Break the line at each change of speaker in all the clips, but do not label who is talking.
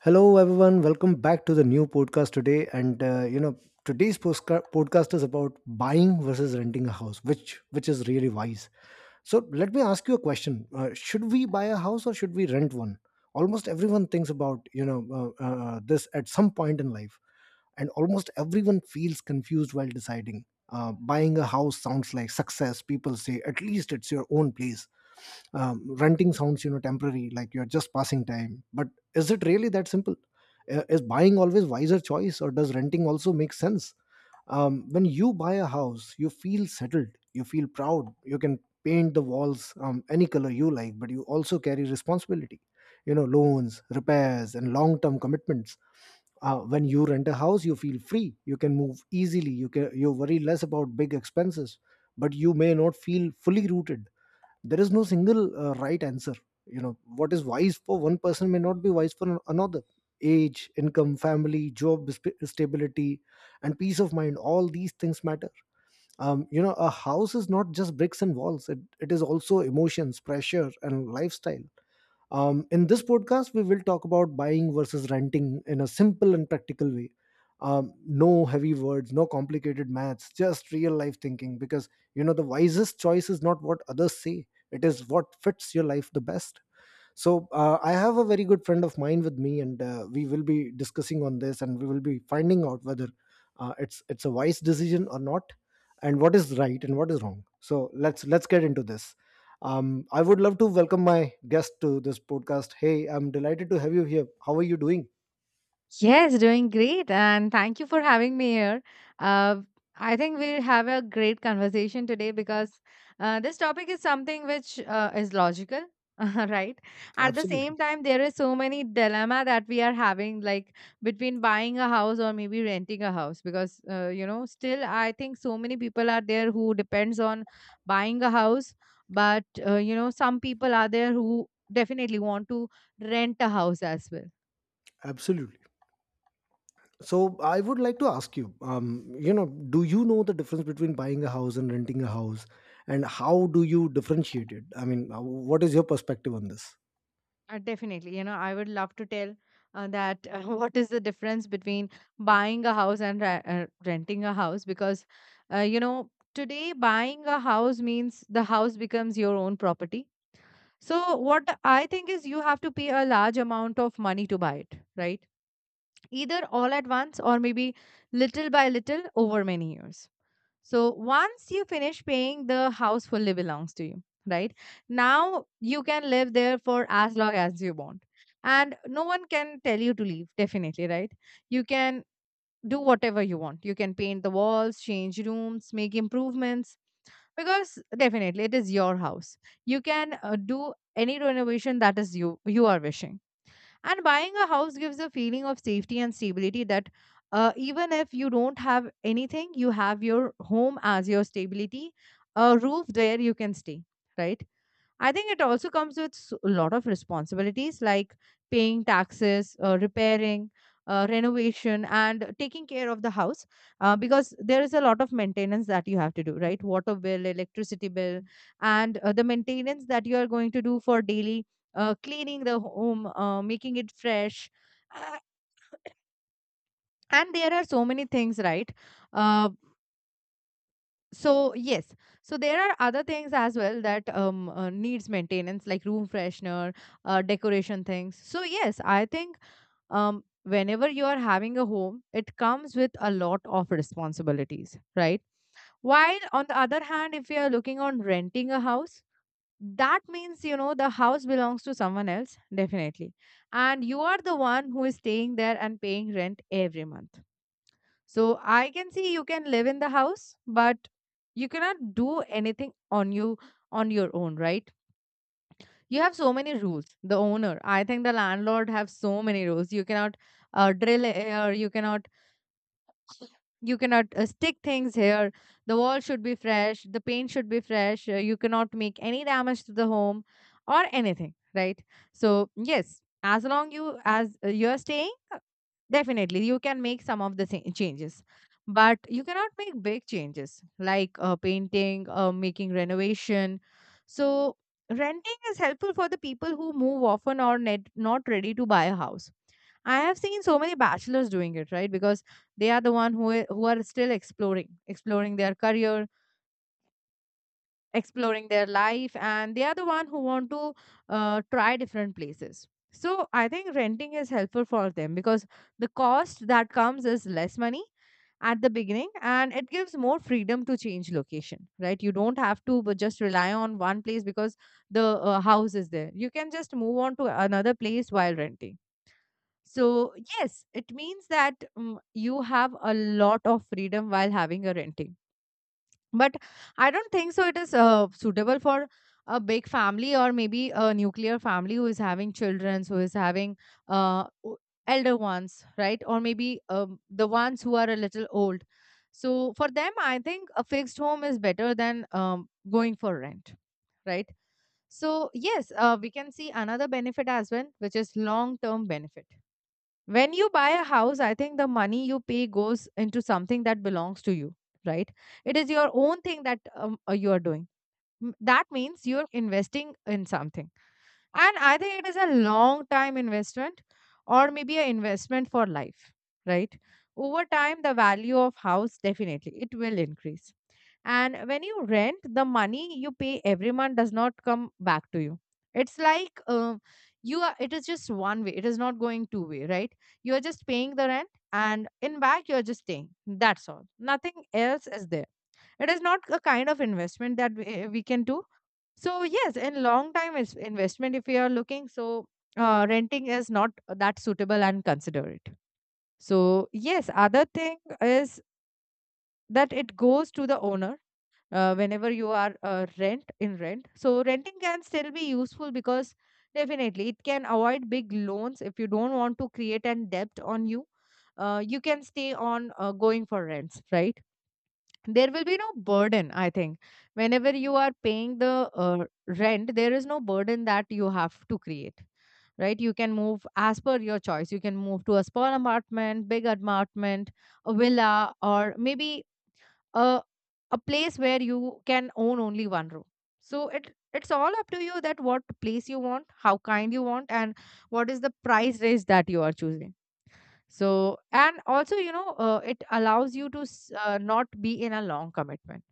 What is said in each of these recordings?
Hello, everyone. Welcome back to the new podcast today. Today's podcast is about buying versus renting a house, which is really wise. So let me ask you a question: Should we buy a house or should we rent one? Almost everyone thinks about this at some point in life, and almost everyone feels confused while deciding. Buying a house sounds like success. People say at least it's your own place. Renting sounds, you know, temporary, like you're just passing time. But is it really that simple? Is buying always wiser choice, or does renting also make sense? When you buy a house, you feel settled, you feel proud, you can paint the walls any color you like, but you also carry responsibility, you know, loans, repairs and long-term commitments. When you rent a house, you feel free, you can move easily, you worry less about big expenses, but you may not feel fully rooted. There is no single right answer. You know, what is wise for one person may not be wise for another. Age, income, family, job, stability and peace of mind, all these things matter. You know, a house is not just bricks and walls, it is also emotions, pressure and lifestyle. In this podcast, we will talk about buying versus renting in a simple and practical way. No heavy words, no complicated maths, just real life thinking. Because, you know, the wisest choice is not what others say; it is what fits your life the best. So I have a very good friend of mine with me, and we will be discussing on this, and we will be finding out whether it's a wise decision or not, and what is right and what is wrong. So let's get into this. I would love to welcome my guest to this podcast. Hey, I'm delighted to have you here. How are you doing?
Yes, doing great. And thank you for having me here. Uh, I think we'll have a great conversation today because this topic is something which is logical, right? At the
Absolutely.
same time, there is so many dilemma that we are having, like between buying a house or maybe renting a house, because you know, still I think so many people are there who depends on buying a house, but you know, some people are there who definitely want to rent a house as well.
Absolutely. So I would like to ask you, you know, do you know the difference between buying a house and renting a house, and how do you differentiate it? I mean, what is your perspective on this?
Definitely, you know, I would love to tell that what is the difference between buying a house and renting a house because, you know, today buying a house means the house becomes your own property. So, what I think is you have to pay a large amount of money to buy it, right? Either all at once or maybe little by little over many years. So once you finish paying, the house fully belongs to you, right? Now you can live there for as long as you want. And no one can tell you to leave, definitely, right? You can do whatever you want. You can paint the walls, change rooms, make improvements, because definitely it is your house. You can do any renovation that is you are wishing, and buying a house gives a feeling of safety and stability that even if you don't have anything, you have your home as your stability, a roof where you can stay, right? I think it also comes with a lot of responsibilities like paying taxes, repairing, renovation, and taking care of the house because there is a lot of maintenance that you have to do, right? Water bill, electricity bill, and the maintenance that you are going to do for daily cleaning the home, making it fresh. Uh, and there are so many things, right? Uh, so yes, so there are other things as well that needs maintenance like room freshener, decoration things. So yes, I think whenever you are having a home, it comes with a lot of responsibilities, right? While on the other hand, if you are looking on renting a house, that means, you know, the house belongs to someone else, definitely, and you are the one who is staying there and paying rent every month. So I can see you can live in the house, but you cannot do anything on your own, right? You have so many rules. The owner, I think the landlord have so many rules. You cannot drill here. You cannot stick things here. The wall should be fresh. The paint should be fresh. You cannot make any damage to the home or anything, right? So yes, as long you as you are staying, definitely, you can make some of the changes, but you cannot make big changes like painting, making renovation. So, renting is helpful for the people who move often or not ready to buy a house. I have seen so many bachelors doing it, right? Because they are the one who are still exploring, exploring their career, exploring their life, and they are the one who want to try different places. So I think renting is helpful for them because the cost that comes is less money at the beginning, and it gives more freedom to change location, right? You don't have to but just rely on one place because the house is there, you can just move on to another place while renting. So yes, it means that you have a lot of freedom while having a renting. But I don't think so it is suitable for a big family or maybe a nuclear family who is having children, who is having uh, o- elder ones, right? Or maybe the ones who are a little old. So for them, I think a fixed home is better than going for rent, right? So yes, we can see another benefit as well, which is long term benefit. When you buy a house, I think the money you pay goes into something that belongs to you, right? It is your own thing that you are doing. That means you're investing in something. And I think it is a long time investment or maybe an investment for life, right? Over time, the value of house definitely it will increase, and when you rent, the money you pay every month does not come back to you. It's like you are. It is just one way. It is not going two-way, right? You are just paying the rent, and in back you are just staying. That's all. Nothing else is there. It is not a kind of investment that we can do. So yes, in long time is investment if you are looking, so renting is not that suitable and consider it. So yes, other thing is that it goes to the owner whenever you are rent. So renting can still be useful because definitely it can avoid big loans. If you don't want to create an debt on you, you can stay on going for rents, right? There will be no burden, I think, whenever you are paying the rent, there is no burden that you have to create, right? You can move as per your choice. You can move to a small apartment, big apartment, a villa, or maybe a a place where you can own only one room. So it's all up to you that what place you want, how kind you want, and what is the price range that you are choosing. So, and also, you know, it allows you to not be in a long commitment.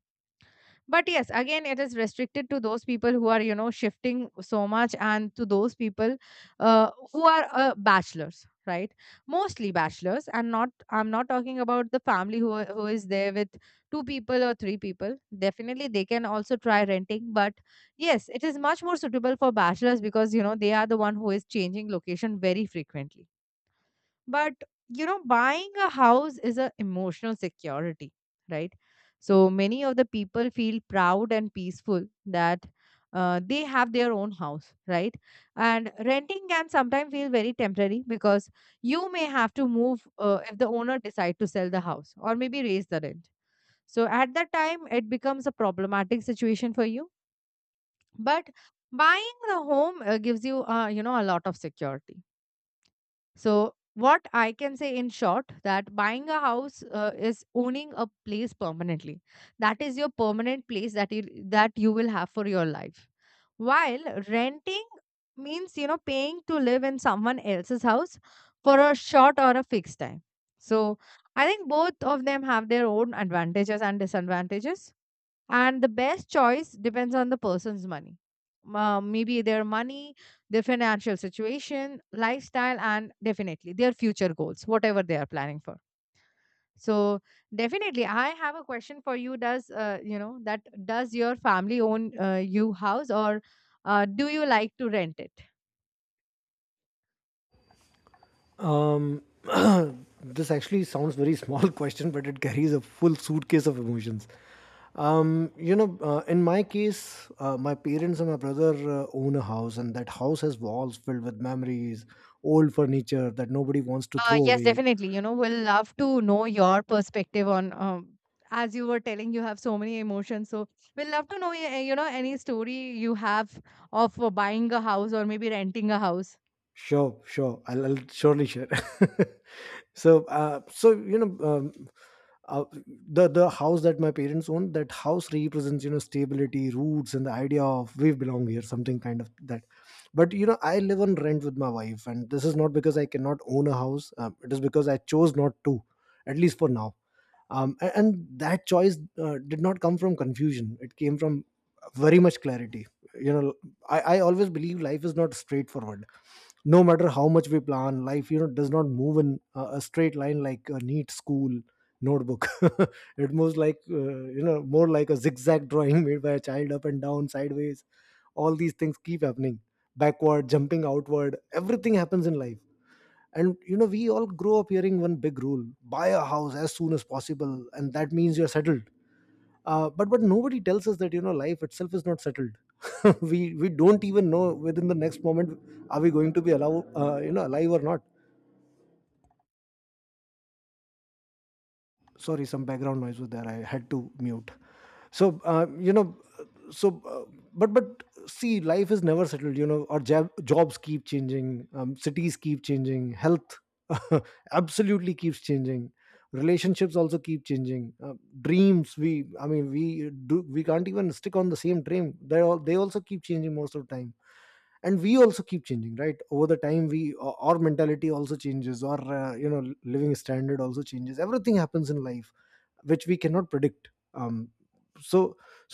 But yes, again, it is restricted to those people who are, you know, shifting so much, and to those people who are bachelors, right? Mostly bachelors. And not, I'm not talking about the family who is there with two people or three people. Definitely, they can also try renting. But yes, it is much more suitable for bachelors because, you know, they are the one who is changing location very frequently. But you know, buying a house is a emotional security, right? So many of the people feel proud and peaceful that they have their own house, right? And renting can sometimes feel very temporary because you may have to move if the owner decide to sell the house or maybe raise the rent. So at that time it becomes a problematic situation for you. But buying the home gives you you know, a lot of security. So what I can say in short that buying a house is owning a place permanently. That is your permanent place that you will have for your life. While renting means, you know, paying to live in someone else's house for a short or a fixed time. So I think both of them have their own advantages and disadvantages, and the best choice depends on the person's money, maybe their money their financial situation, lifestyle, and definitely their future goals, whatever they are planning for. So definitely I have a question for you. Does you know that does your family own you house, or do you like to rent it?
Um, this actually sounds very small question, but it carries a full suitcase of emotions. You know, in my case, my parents and my brother own a house, and that house has walls filled with memories, old furniture that nobody wants to throw
Yes,
away.
definitely. You know, we'll love to know your perspective on, as you were telling, you have so many emotions. So we'll love to know, you know, any story you have of buying a house or maybe renting a house.
Sure, sure, I'll surely share. So you know, uh, the house that my parents own, that house represents, you know, stability, roots and the idea of we belong here, something kind of that. But you know, I live on rent with my wife, and this is not because I cannot own a house. It is because I chose not to, at least for now. And that choice did not come from confusion, it came from very much clarity, you know. I always believe life is not straightforward. No matter how much we plan, life, you know, does not move in a straight line like a neat school notebook. It moves like, you know, more like a zigzag drawing made by a child, up and down, sideways, all these things keep happening, backward, jumping, outward, everything happens in life. And you know, we all grow up hearing one big rule: buy a house as soon as possible, and that means you're settled. But nobody tells us that, you know, life itself is not settled. We don't even know within the next moment, are we going to be allow you know, alive or not. Sorry, some background noise was there, I had to mute. So you know, but see, life is never settled. You know, our jobs keep changing, cities keep changing, health, absolutely, keeps changing, relationships also keep changing, dreams, we I mean we do we can't even stick on the same dream, they also keep changing most of the time. And we also keep changing, right? Over the time, we our mentality also changes, our, you know, living standard also changes, everything happens in life which we cannot predict. um, so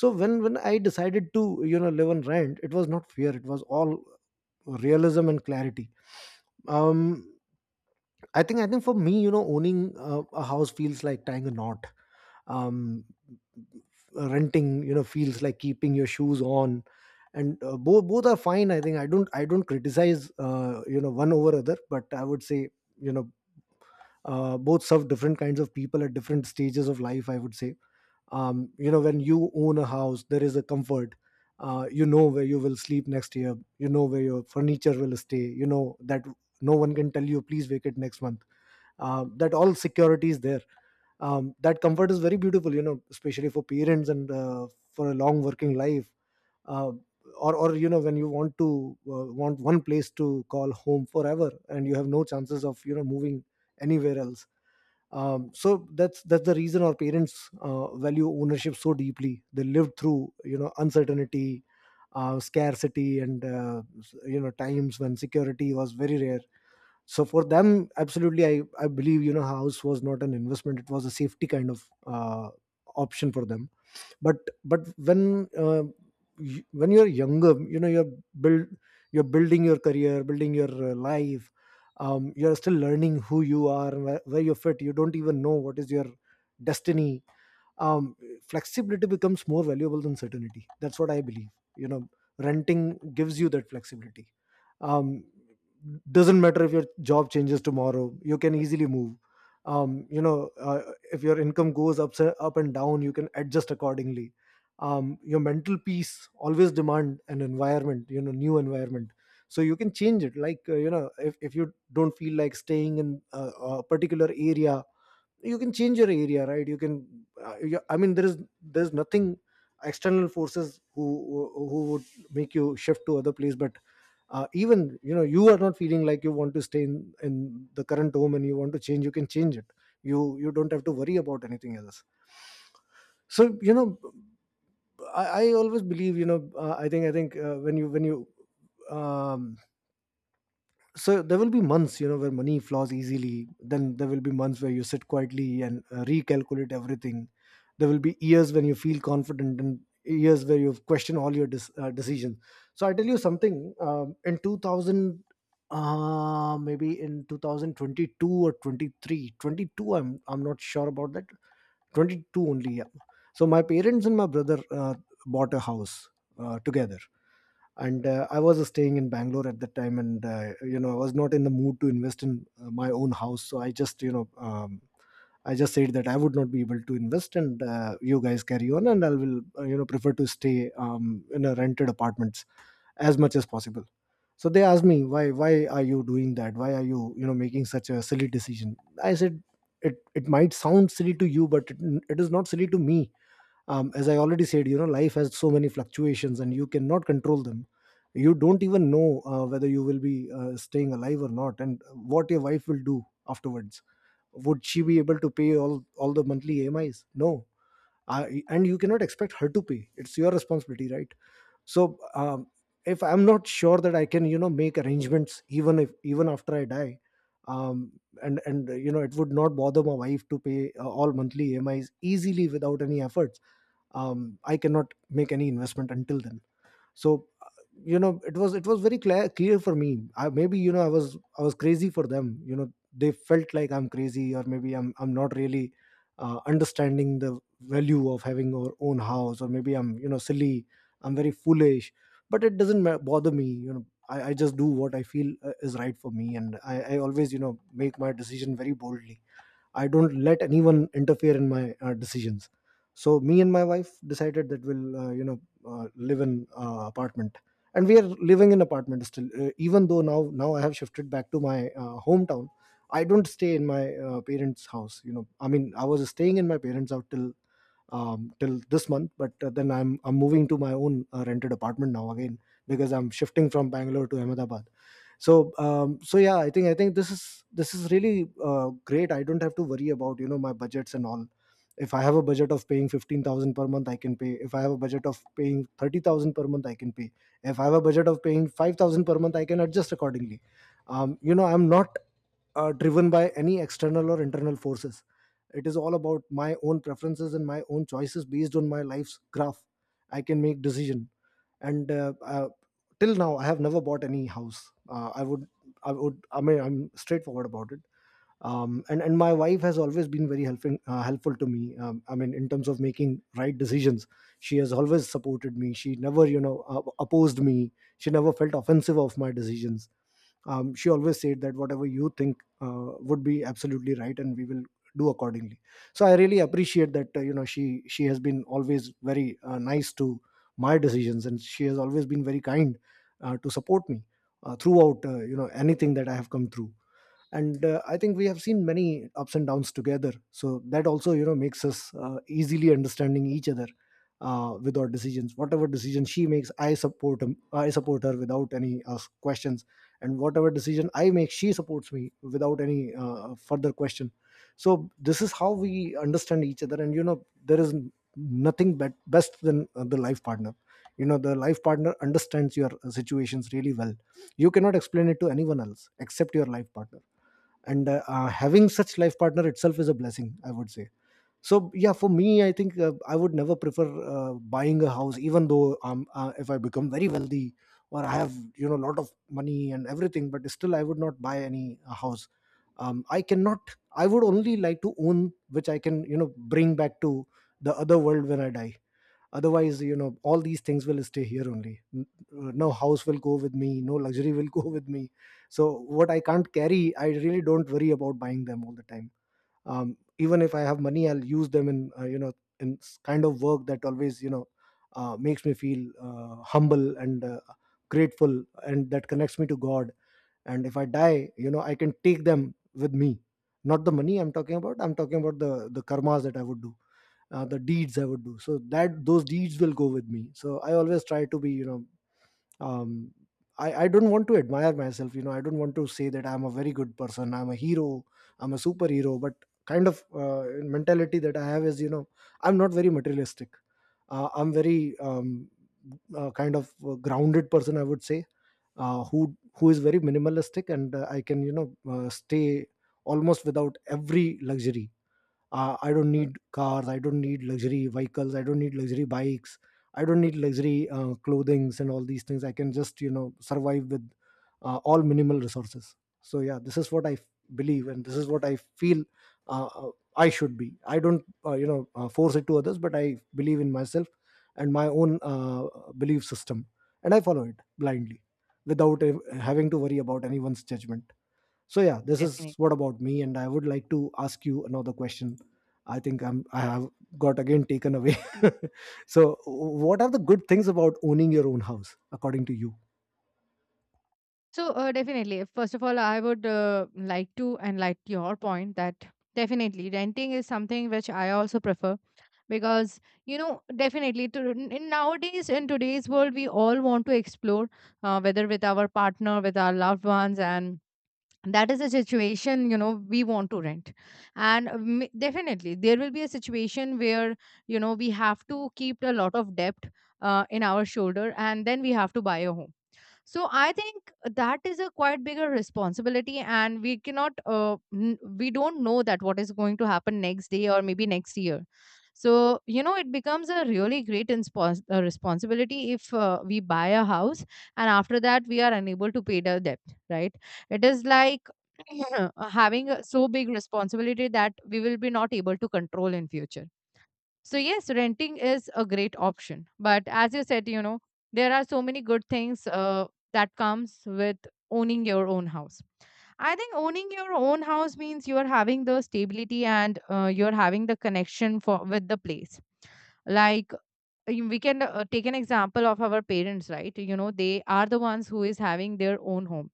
so when when I decided to, you know, live on rent, it was not fear, it was all realism and clarity. um I think for me, you know, owning a house feels like tying a knot. um Renting, you know, feels like keeping your shoes on. And both are fine. I think, I don't criticize, you know, one over other, but I would say, you know, both serve different kinds of people at different stages of life, I would say. You know, when you own a house, there is a comfort. You know where you will sleep next year, you know where your furniture will stay, you know that no one can tell you please vacate next month. That all security is there. That comfort is very beautiful, you know, especially for parents and, for a long working life, uh, or you know, when you want to want one place to call home forever, and you have no chances of, you know, moving anywhere else. So that's the reason our parents value ownership so deeply. They lived through, you know, uncertainty, scarcity, and you know, times when security was very rare. So for them, absolutely, I believe, you know, house was not an investment, it was a safety kind of, option for them. But but when uh, y- when you're younger, you know, build you're building your career, building your life. You're still learning who you are, where you fit. You don't even know what is your destiny. um, Flexibility becomes more valuable than certainty, that's what I believe, you know. Renting gives you that flexibility. um, doesn't matter if your job changes tomorrow, you can easily move. um, you know uh, if your income goes up, up and down, you can adjust accordingly. Your mental peace always demand an environment, you know, new environment. So you can change it, like, you know, if you don't feel like staying in a particular area, you can change your area, right? I mean, there's nothing, external forces who would make you shift to other place. But even, you know, you are not feeling like you want to stay in the current home and you want to change, you can change it. You don't have to worry about anything else. So you know, I always believe, you know, I think when you um, so there will be months, you know, where money flows easily, then there will be months where you sit quietly and recalculate everything. There will be years when you feel confident and years where you question all your decisions. So I tell you something, um, in 2000 uh, maybe in 2022, or 23, 22, I'm not sure about that. 22 only, yeah. So my parents and my brother bought a house together. And I was staying in Bangalore at that time, and you know, I was not in the mood to invest in my own house. So I just, you know, I just said that I would not be able to invest, and you guys carry on, and I will, you know, prefer to stay, in a rented apartments as much as possible. So they asked me, why are you doing that, why are you, you know, making such a silly decision. I said it, it might sound silly to you, but it is not silly to me. As I already said, you know, life has so many fluctuations, and you cannot control them. You don't even know, whether you will be, staying alive or not, and what your wife will do afterwards. Would she be able to pay all the monthly amis? No. And you cannot expect her to pay, it's your responsibility, right? So, if I'm not sure that I can, you know, make arrangements even if, even after I die, um, and you know, it would not bother my wife to pay, all monthly amis easily without any efforts, I cannot make any investment until then. So, you know, it was, it was very clear for me. Maybe, you Know, I was crazy for them. You know, they felt like I'm crazy, or maybe I'm not really understanding the value of having our own house, or maybe I'm, silly, I'm very foolish. But it doesn't bother me. I just do what I feel is right for me, and I always, make my decision very boldly. I don't let anyone interfere in my decisions. So me and my wife decided that we'll live in apartment, and we are living in apartment still. Even though now I have shifted back to my hometown, I don't stay in my parents' house. You know, I mean I was staying in my parents' house till till this month, but then I'm moving to my own rented apartment now again because I'm shifting from Bangalore to Ahmedabad. So yeah, I think this is really great. I don't have to worry about, my budgets and all. If I have a budget of paying 15,000 per month, I can pay. If I have a budget of paying 30,000 per month, I can pay. If I have a budget of paying 5,000 per month, I can adjust accordingly. You know, I'm not driven by any external or internal forces. It is all about my own preferences and my own choices based on my life's graph. I can make decision. And till now I have never bought any house. Uh, i would i would I mean, I'm straightforward about it. And my wife has always been very helping, helpful to me, I mean in terms of making right decisions. She has always supported me, she never, opposed me. She never felt offensive of my decisions. She always said that whatever you think would be absolutely right and we will do accordingly. So I really appreciate that. You know, she has been always very nice to my decisions, and she has always been very kind to support me throughout, anything that I have come through. And I think we have seen many ups and downs together, so that also, makes us easily understanding each other with our decisions. Whatever decision she makes, I support him I support her without any questions, and whatever decision I make, she supports me without any further question. So this is how we understand each other. And, there is nothing best than the life partner. You know, the life partner understands your situations really well. You cannot explain it to anyone else except your life partner. And having such life partner itself is a blessing, I would say. So yeah, for me, I think I would never prefer buying a house, even though, if I become very wealthy or I have, a lot of money and everything, but still I would not buy any house. I cannot, I would only like to own which I can, bring back to the other world when I die. Otherwise, all these things will stay here only. No house will go with me, no luxury will go with me. So what I can't carry, I really don't worry about buying them all the time. Even if I have money, I'll use them in, in kind of work that always, makes me feel humble and grateful, and that connects me to god. And if I die, I can take them with me. Not the money I'm talking about, I'm talking about the karmas that I would do, the deeds I would do. So that those deeds will go with me. So I always try to be, um, I don't want to admire myself. You know, I don't want to say that I'm a very good person, I'm a hero, I'm a superhero. But kind of mentality that I have is, you know, I'm not very materialistic. I'm very, kind of grounded person, I would say, who is very minimalistic, and I can, you know, stay almost without every luxury. I don't need cars, I don't need luxury vehicles, I don't need luxury bikes, I don't need luxury clothings, and all these things I can just, survive with all minimal resources. So yeah, this is what I believe, and this is what I feel. uh, uh, I should be, I don't force it to others, but I believe in myself and my own belief system, and I follow it blindly without having to worry about anyone's judgment. So yeah, this is what
Definitely.
about me, and I would like to ask you another question. I think I have got again taken away. So what are the good things about owning your own house, according to you?
So definitely, first of all, I would like to enlighten your point that definitely renting is something which I also prefer, because you know definitely in nowadays in today's world we all want to explore, whether with our partner, with our loved ones, and that is a situation, you know, we want to rent. And definitely there will be a situation where, you know, we have to keep a lot of debt in our shoulder, and then we have to buy a home. So I think that is a quite bigger responsibility, and we cannot we don't know that what is going to happen next day or maybe next year. So you know, it becomes a really great responsibility if we buy a house, and after that we are unable to pay the debt, right? It is like having a so big responsibility that we will be not able to control in future. So yes, renting is a great option. But as you said, there are so many good things that comes with owning your own house. I think owning your own house means you are having the stability, and you're having the connection for with the place. Like, we can take an example of our parents, right? You know, they are the ones who is having their own home.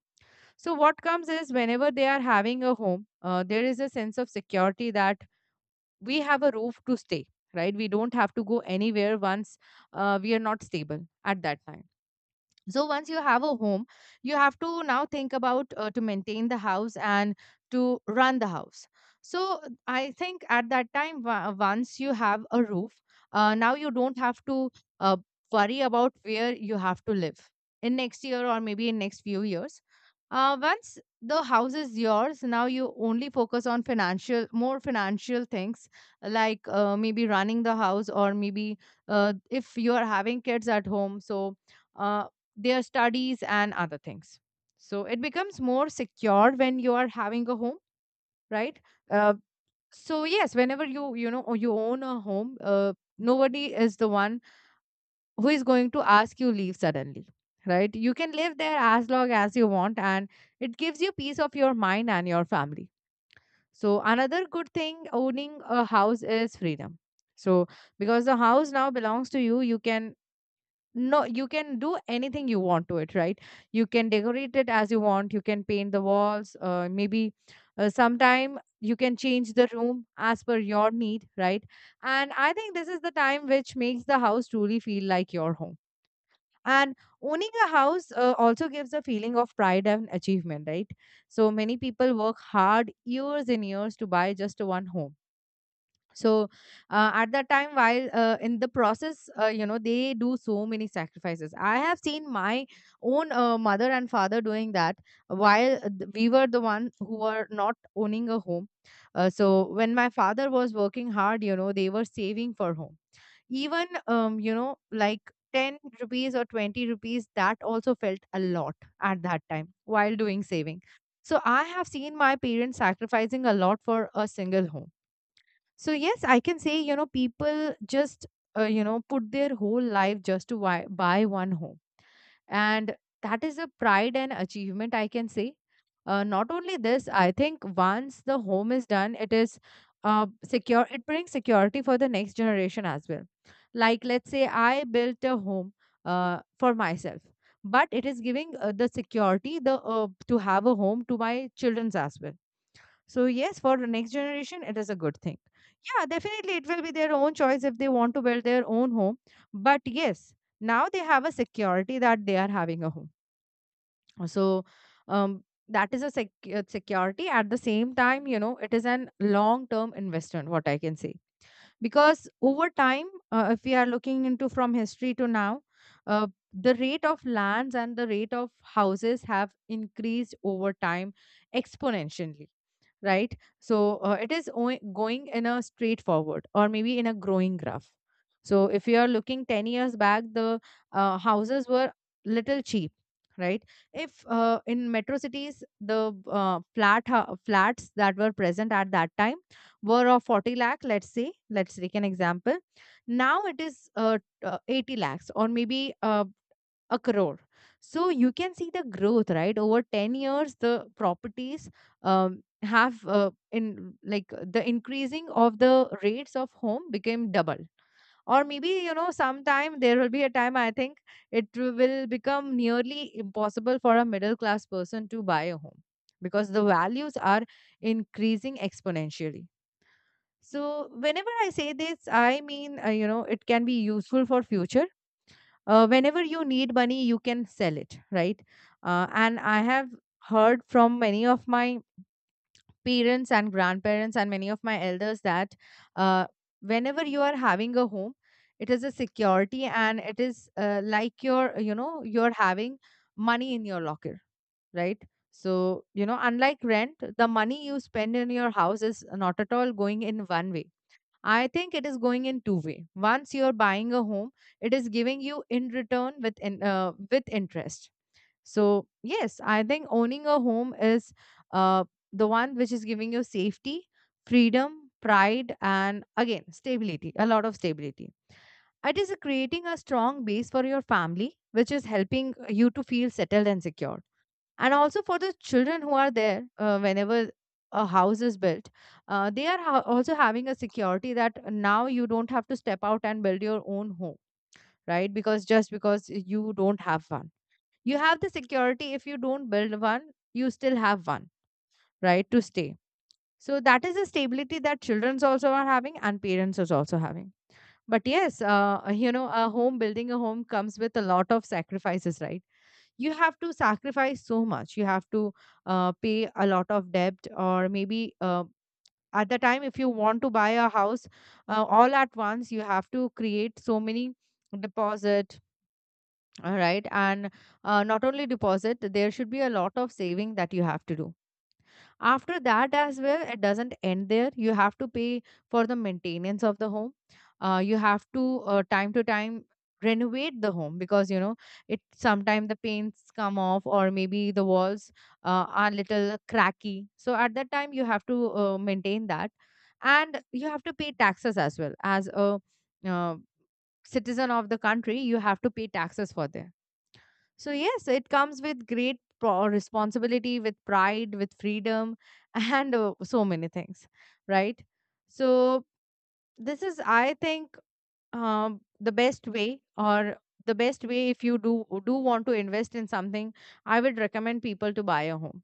So what comes is whenever they are having a home, there is a sense of security that we have a roof to stay, right? We don't have to go anywhere. Once we are not stable at that time, so once you have a home, you have to now think about to maintain the house and to run the house. So I think at that time, once you have a roof, now you don't have to uh, worry about where you have to live in next year or maybe in next few years. Once the house is yours, now you only focus on financial, more financial things, like maybe running the house, or maybe if you are having kids at home, so uh, their studies and other things. So it becomes more secure when you are having a home, right? uh, so yes, whenever you you know you own a home, nobody is the one who is going to ask you leave suddenly, right? You can live there as long as you want, and it gives you peace of your mind and your family. So another good thing owning a house is freedom. So because the house now belongs to you, you can, no, you can do anything you want to it, right? You can decorate it as you want, you can paint the walls, maybe sometime you can change the room as per your need, right? And I think this is the time which makes the house truly feel like your home. And owning a house also gives a feeling of pride and achievement, right? So many people work hard years and years to buy just one home. So at that time, while in the process, they do so many sacrifices. I have seen my own mother and father doing that, while we were the one who were not owning a home. So when my father was working hard, you know, they were saving for home. Even like 10 rupees or 20 rupees, that also felt a lot at that time while doing saving. So I have seen my parents sacrificing a lot for a single home. So yes, I can say, people just, put their whole life just to buy one home. And that is a pride and achievement, I can say. Not only this, I think once the home is done, it is secure. It brings security for the next generation as well. Like, let's say I built a home for myself, but it is giving the security, the to have a home to my children's as well. So yes, for the next generation, it is a good thing. Yeah, definitely, it will be their own choice if they want to build their own home. But yes, now they have a security that they are having a home. So, that is a security. At the same time, you know, it is an long-term investment. What I can say, because over time, if we are looking into from history to now, the rate of lands and the rate of houses have increased over time exponentially, right? So it is going in a straightforward or maybe in a growing graph. So if you are looking 10 years back, the houses were little cheap, right? If in metro cities, the flats that were present at that time were of 40 lakh, let's say, let's take an example. Now it is 80 lakhs or maybe a crore. So you can see the growth, right? Over 10 years the properties have in like the increasing of the rates of home became double, or maybe, you know, sometime there will be a time, I think, it will become nearly impossible for a middle class person to buy a home, because the values are increasing exponentially. So whenever I say this I mean, it can be useful for future. Whenever you need money you can sell it, right? And I have heard from many of my parents and grandparents and many of my elders that uh, whenever you are having a home, it is a security, and it is like you're having money in your locker, right? So you know, unlike rent, the money you spend in your house is not at all going in one way. I think it is going in two way. Once you're buying a home, it is giving you in return with interest. So yes, I think owning a home is uh, the one which is giving you safety, freedom, pride, and again stability. A lot of stability. It is creating a strong base for your family, which is helping you to feel settled and secure, and also for the children who are there. Whenever a house is built, they are also having a security that now you don't have to step out and build your own home, right? Because just because you don't have one, you have the security. If you don't build one, you still have one, right, to stay. So that is a stability that children also are having and parents is also having. But yes, a home, building a home comes with a lot of sacrifices, right? You have to sacrifice so much. You have to pay a lot of debt, or maybe at the time if you want to buy a house all at once, you have to create so many deposit, all right? And not only deposit, there should be a lot of saving that you have to do after that as well. It doesn't end there. You have to pay for the maintenance of the home. You have to time to time renovate the home, because you know, it sometimes the paints come off, or maybe the walls are little cracky. So at that time you have to maintain that, and you have to pay taxes as well as a uh, citizen of the country. You have to pay taxes for this. So yes, it comes with great responsibility, with pride, with freedom, and so many things, right? So, this is, I think, the best way, or the best way, if you do want to invest in something, I would recommend people to buy a home.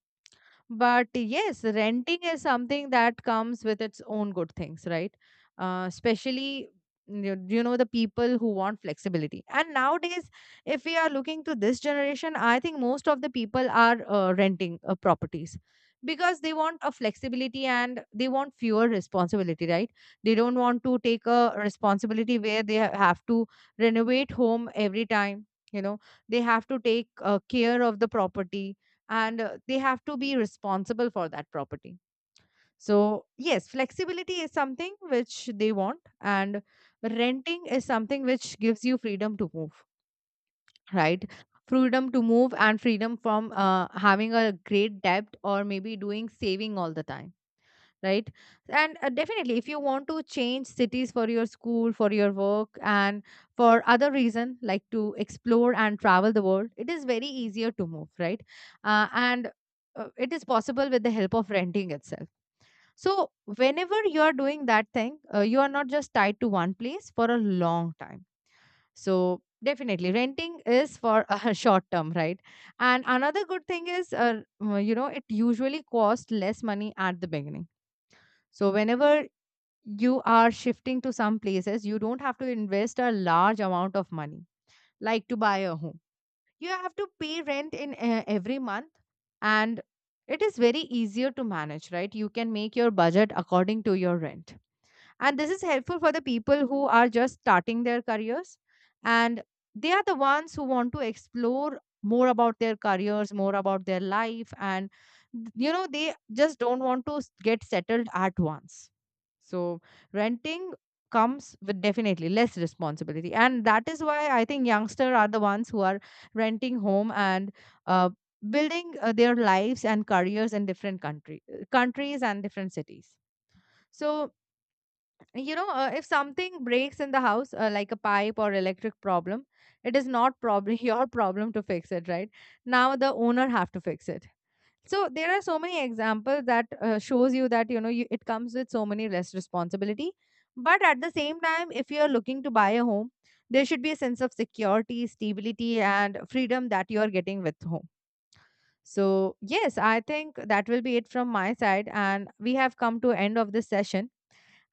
But yes, renting is something that comes with its own good things, right? Especially, you know, the people who want flexibility. And nowadays, if we are looking to this generation, I think most of the people are renting properties, because they want a flexibility and they want fewer responsibility, right? They don't want to take a responsibility where they have to renovate home every time. You know, they have to take care of the property, and they have to be responsible for that property. So yes, flexibility is something which they want, and renting is something which gives you freedom to move, right? Freedom to move and freedom from having a great debt, or maybe doing saving all the time, right? And definitely if you want to change cities for your school, for your work, and for other reason, like to explore and travel the world, it is very easier to move, right? And it is possible with the help of renting itself. So whenever you are doing that thing, you are not just tied to one place for a long time. So definitely renting is for a short term, right? And another good thing is, it usually costs less money at the beginning. So whenever you are shifting to some places, you don't have to invest a large amount of money. Like, to buy a home, you have to pay rent in every month. And it is very easier to manage, right? You can make your budget according to your rent. And this is helpful for the people who are just starting their careers. And they are the ones who want to explore more about their careers, more about their life, and they just don't want to get settled at once. So renting comes with definitely less responsibility, and that is why I think youngsters are the ones who are renting home, and uh, building their lives and careers in different country countries and different cities. So you know, if something breaks in the house, like a pipe or electric problem, it is not probably your problem to fix it, right? Now the owner have to fix it. So there are so many examples that shows you that, you know, you, it comes with so many less responsibility. But at the same time, if you are looking to buy a home, there should be a sense of security, stability, and freedom that you are getting with home. So yes, I think that will be it from my side, and we have come to end of this session.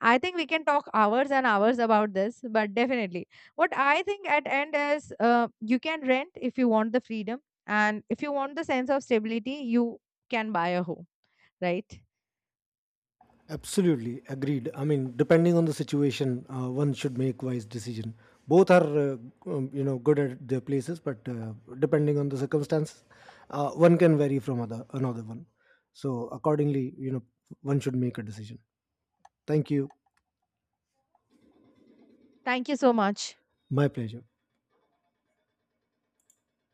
I think we can talk hours and hours about this, but definitely, what I think at end is, you can rent if you want the freedom, and if you want the sense of stability, you can buy a home, right?
Absolutely agreed. I mean, depending on the situation, one should make wise decision. Both are, good at their places, but depending on the circumstances, one can vary from other another one. So accordingly, you know, one should make a decision. Thank you.
Thank you so much.
My pleasure.